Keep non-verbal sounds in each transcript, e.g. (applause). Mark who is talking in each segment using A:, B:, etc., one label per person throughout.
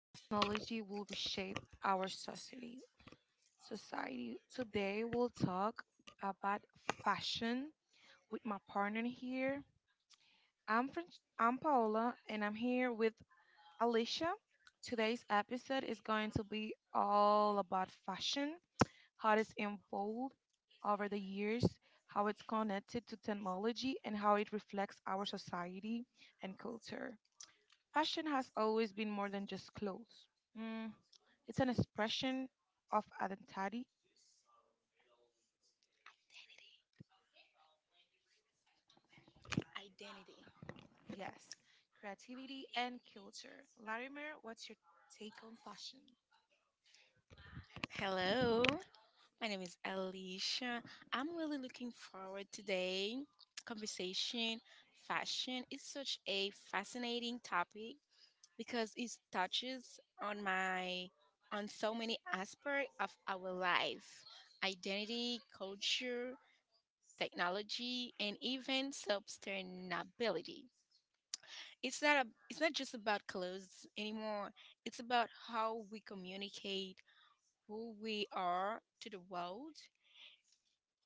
A: how technology will reshape our society. Today we'll talk about fashion with my partner here. I'm Paola, and I'm here with Alicia. Today's episode is going to be all about fashion, how
B: Evolved
A: it's evolved over the years, how it's connected to technology, and how it reflects our society and culture. Fashion has always been more than just clothes. Mm, it's an expression of identity.
B: identity.
A: Yes, creativity and culture. Larimer, what's your take on fashion?
B: Hello, my name is Alicia. I'm really looking forward today. Conversation, fashion is such a fascinating topic because it touches on my on so many aspects of our life, identity, culture, technology, and even sustainability. It's not just about clothes anymore. It's about how we communicate who we are to the world.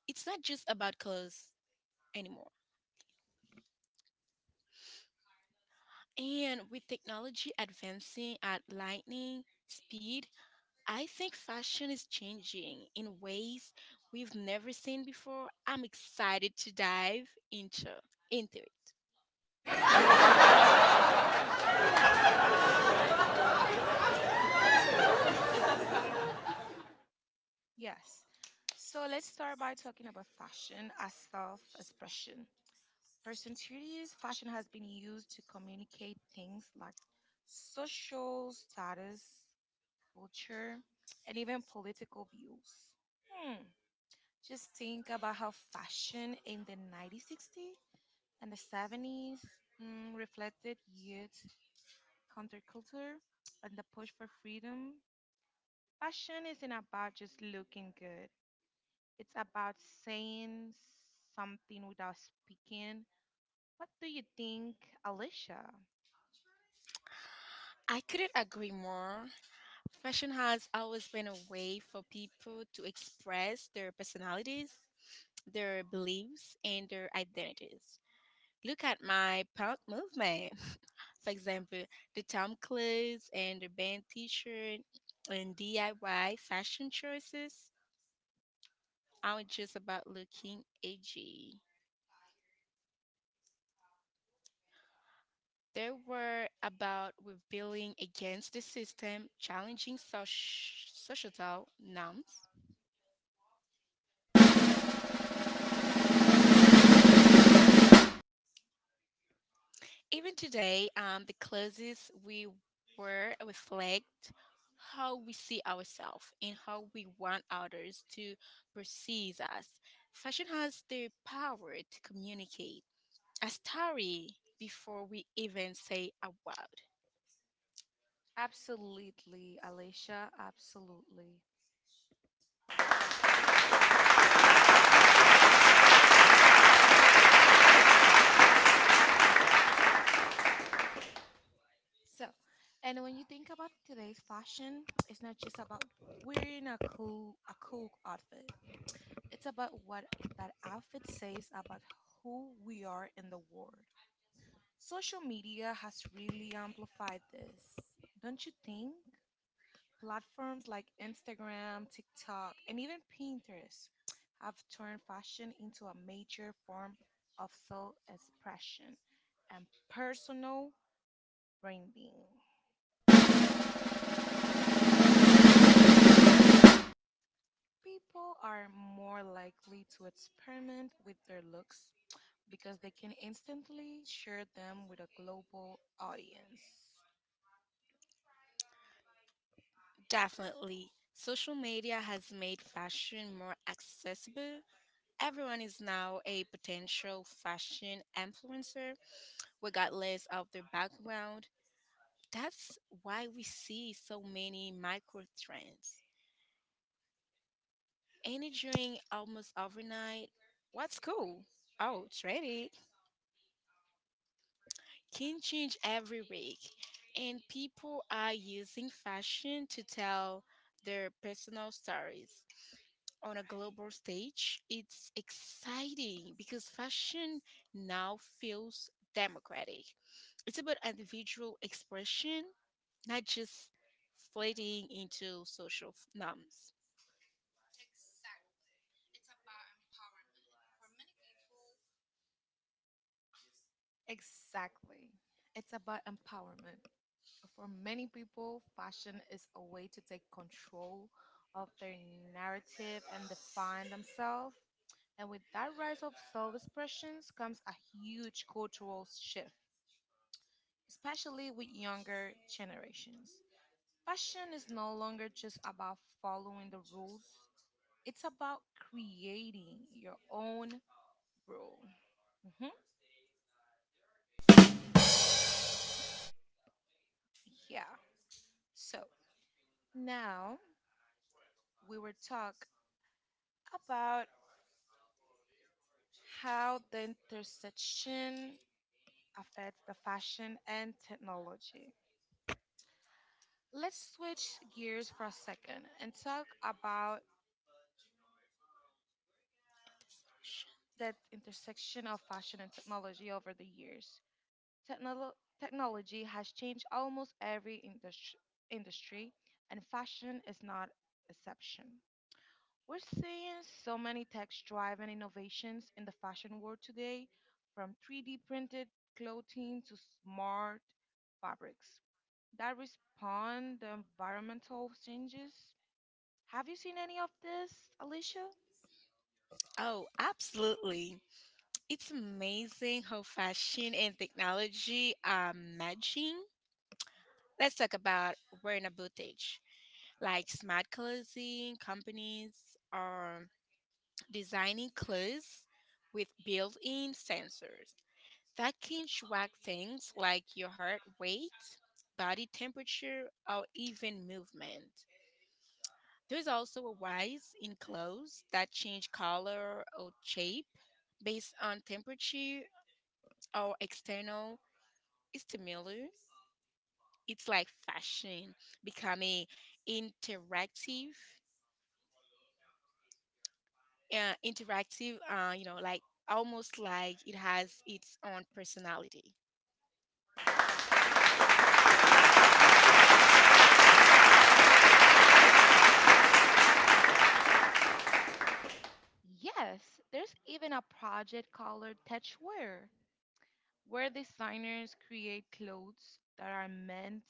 B: It's not just about clothes anymore, and with technology advancing at lightning speed, I think fashion is changing in ways we've never seen before. I'm excited to dive into it.
A: Yes, so let's start by talking about fashion as self expression. For centuries, fashion has been used to communicate things like social status, culture, and even political views. Hmm. Just think about how fashion in the 1960s and the 70s reflected youth counterculture and the push for freedom. Fashion isn't about just looking good, it's about saying something without speaking. What do you think, Alicia?
B: I couldn't agree more. Fashion has always been a way for people to express their personalities, their beliefs, and their identities. Look at my punk movement. (laughs) For example, the Tom clothes and the band t-shirt and DIY fashion choices aren't just about looking edgy. They were about rebelling against the system, challenging societal norms. Even today, the clothes we wear reflect how we see ourselves and how we want others to perceive us. Fashion has the power to communicate a story before we even say a word.
A: Absolutely, Alicia, absolutely. So, and when you think about today's fashion, it's not just about wearing a cool outfit. It's about what that outfit says about who we are in the world. Social media has really amplified this, don't you think? Platforms like Instagram, TikTok, and even Pinterest have turned fashion into a major form of self expression and personal branding. People are more likely to experiment with their looks because they can instantly share them with a global audience.
B: Definitely. Social media has made fashion more accessible. Everyone is now a potential fashion influencer, regardless of their background. That's why we see so many micro trends. Any drink almost overnight, what's cool? Oh, trendy. Can change every week. And people are using fashion to tell their personal stories. On a global stage, it's exciting because fashion now feels democratic. It's about individual expression, not just fitting into norms.
A: Exactly. It's about empowerment. For many people, fashion is a way to take control of their narrative and define themselves. And with that rise of self expressions comes a huge cultural shift, especially with younger generations. Fashion is no longer just about following the rules, it's about creating your own Bro, hmm Yeah. So now we will talk about how the intersection affects the fashion and technology. Let's switch gears for a second and talk about that intersection of fashion and technology over the years. Technology has changed almost every industry, and fashion is not exception. We're seeing so many tech driven innovations in the fashion world today, from 3D printed clothing to smart fabrics that respond to environmental changes. Have you seen any of this, Alicia?
B: Oh, absolutely. It's amazing how fashion and technology are matching. Let's talk about wearing a boutique like smart clothing companies are designing clothes with built-in sensors that can track things like your heart rate, body temperature, or even movement. There's also a rise in clothes that change color or shape based on temperature or external stimuli. It's like fashion becoming interactive, you know, like almost like it has its own personality.
A: Yes, there's even a project called Touchwear, where designers create clothes that are meant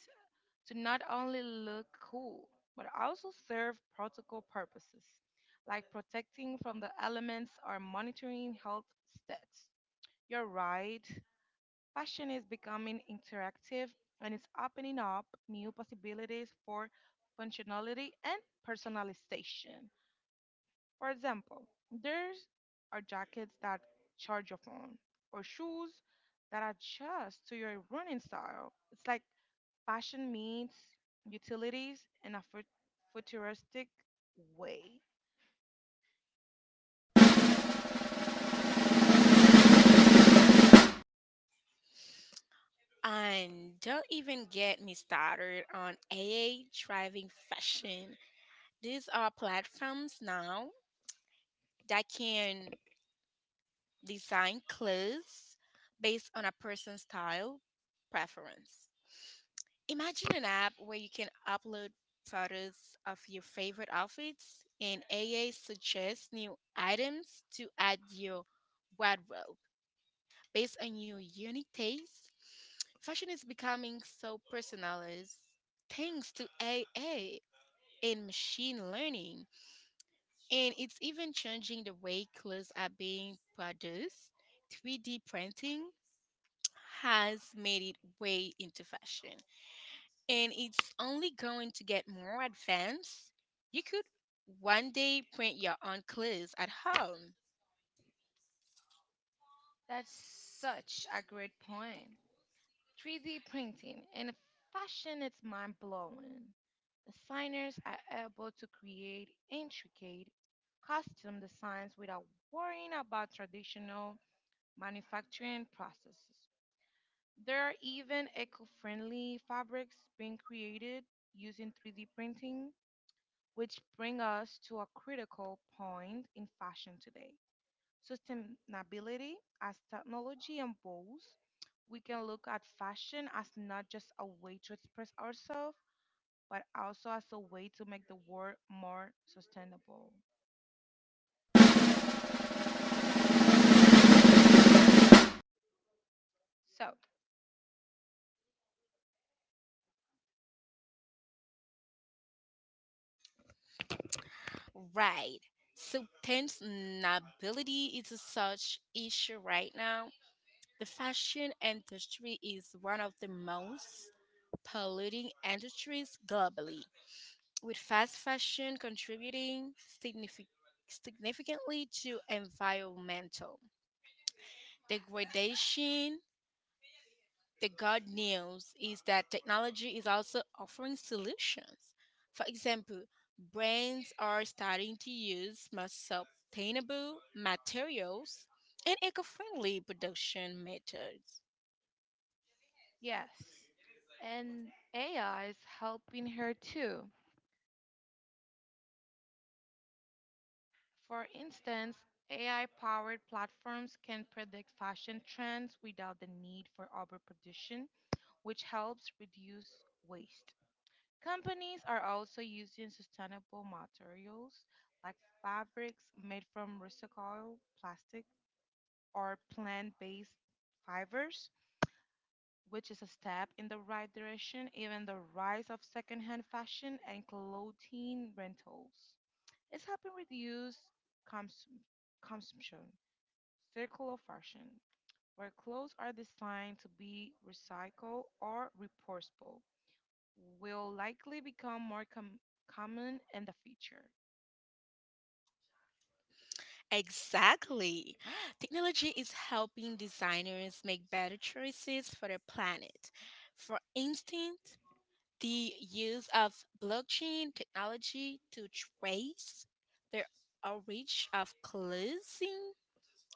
A: to not only look cool, but also serve protocol purposes, like protecting from the elements or monitoring health stats. You're right, fashion is becoming interactive and it's opening up new possibilities for functionality and personalization. For example, there's are jackets that charge your phone or shoes that adjust to your running style. It's like fashion meets utilities in a futuristic way.
B: And don't even get me started on AA driving fashion. These are platforms now that can design clothes based on a person's style preference. Imagine an app where you can upload photos of your favorite outfits, and AI suggests new items to add your wardrobe based on your unique taste. Fashion is becoming so personalized thanks to AI and machine learning, and it's even changing the way clothes are being produced. 3D printing has made it way into fashion. And it's only going to get more advanced. You could one day print your own clothes at home.
A: That's such a great point. 3D printing in fashion is mind blowing. Designers are able to create intricate costume designs without worrying about traditional manufacturing processes. There are even eco friendly fabrics being created using 3D printing, which bring us to a critical point in fashion today. Sustainability, as technology evolves, we can look at fashion as not just a way to express ourselves, but also as a way to make the world more sustainable. So,
B: Right. So sustainability is a such issue right now. The fashion industry is one of the most polluting industries globally, with fast fashion contributing signifi- significantly to environmental degradation. The good news is that technology is also offering solutions. For example, brands are starting to use more sustainable materials and eco friendly production methods.
A: yes, and AI is helping her too. For instance, AI powered platforms can predict fashion trends without the need for overproduction, which helps reduce waste. Companies are also using sustainable materials like fabrics made from recycled plastic or plant based fibers, which is a step in the right direction. Even the rise of secondhand fashion and clothing rentals is helping reduce cons- consumption. Circular fashion, where clothes are designed to be recycled or repurposable, will likely become more common in the future.
B: Exactly. Technology is helping designers make better choices for the planet. For instance, the use of blockchain technology to trace the origin of clothing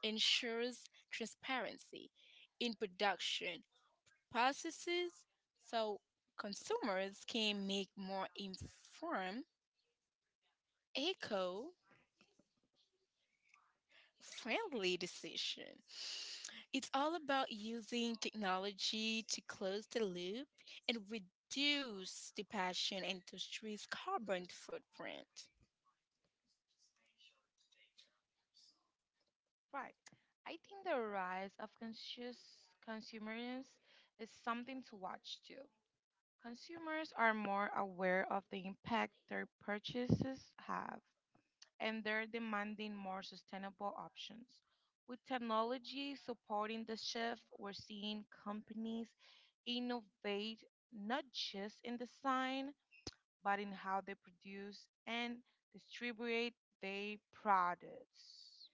B: ensures transparency in production processes, so consumers can make more informed, eco friendly decision. It's all about using technology to close the loop and reduce the passion industry's carbon footprint.
A: Right. I think the rise of conscious consumerism is something to watch too. Consumers are more aware of the impact their purchases have, and they're demanding more sustainable options. With technology supporting the shift, we're seeing companies innovate not just in design, but in how they produce and distribute their products.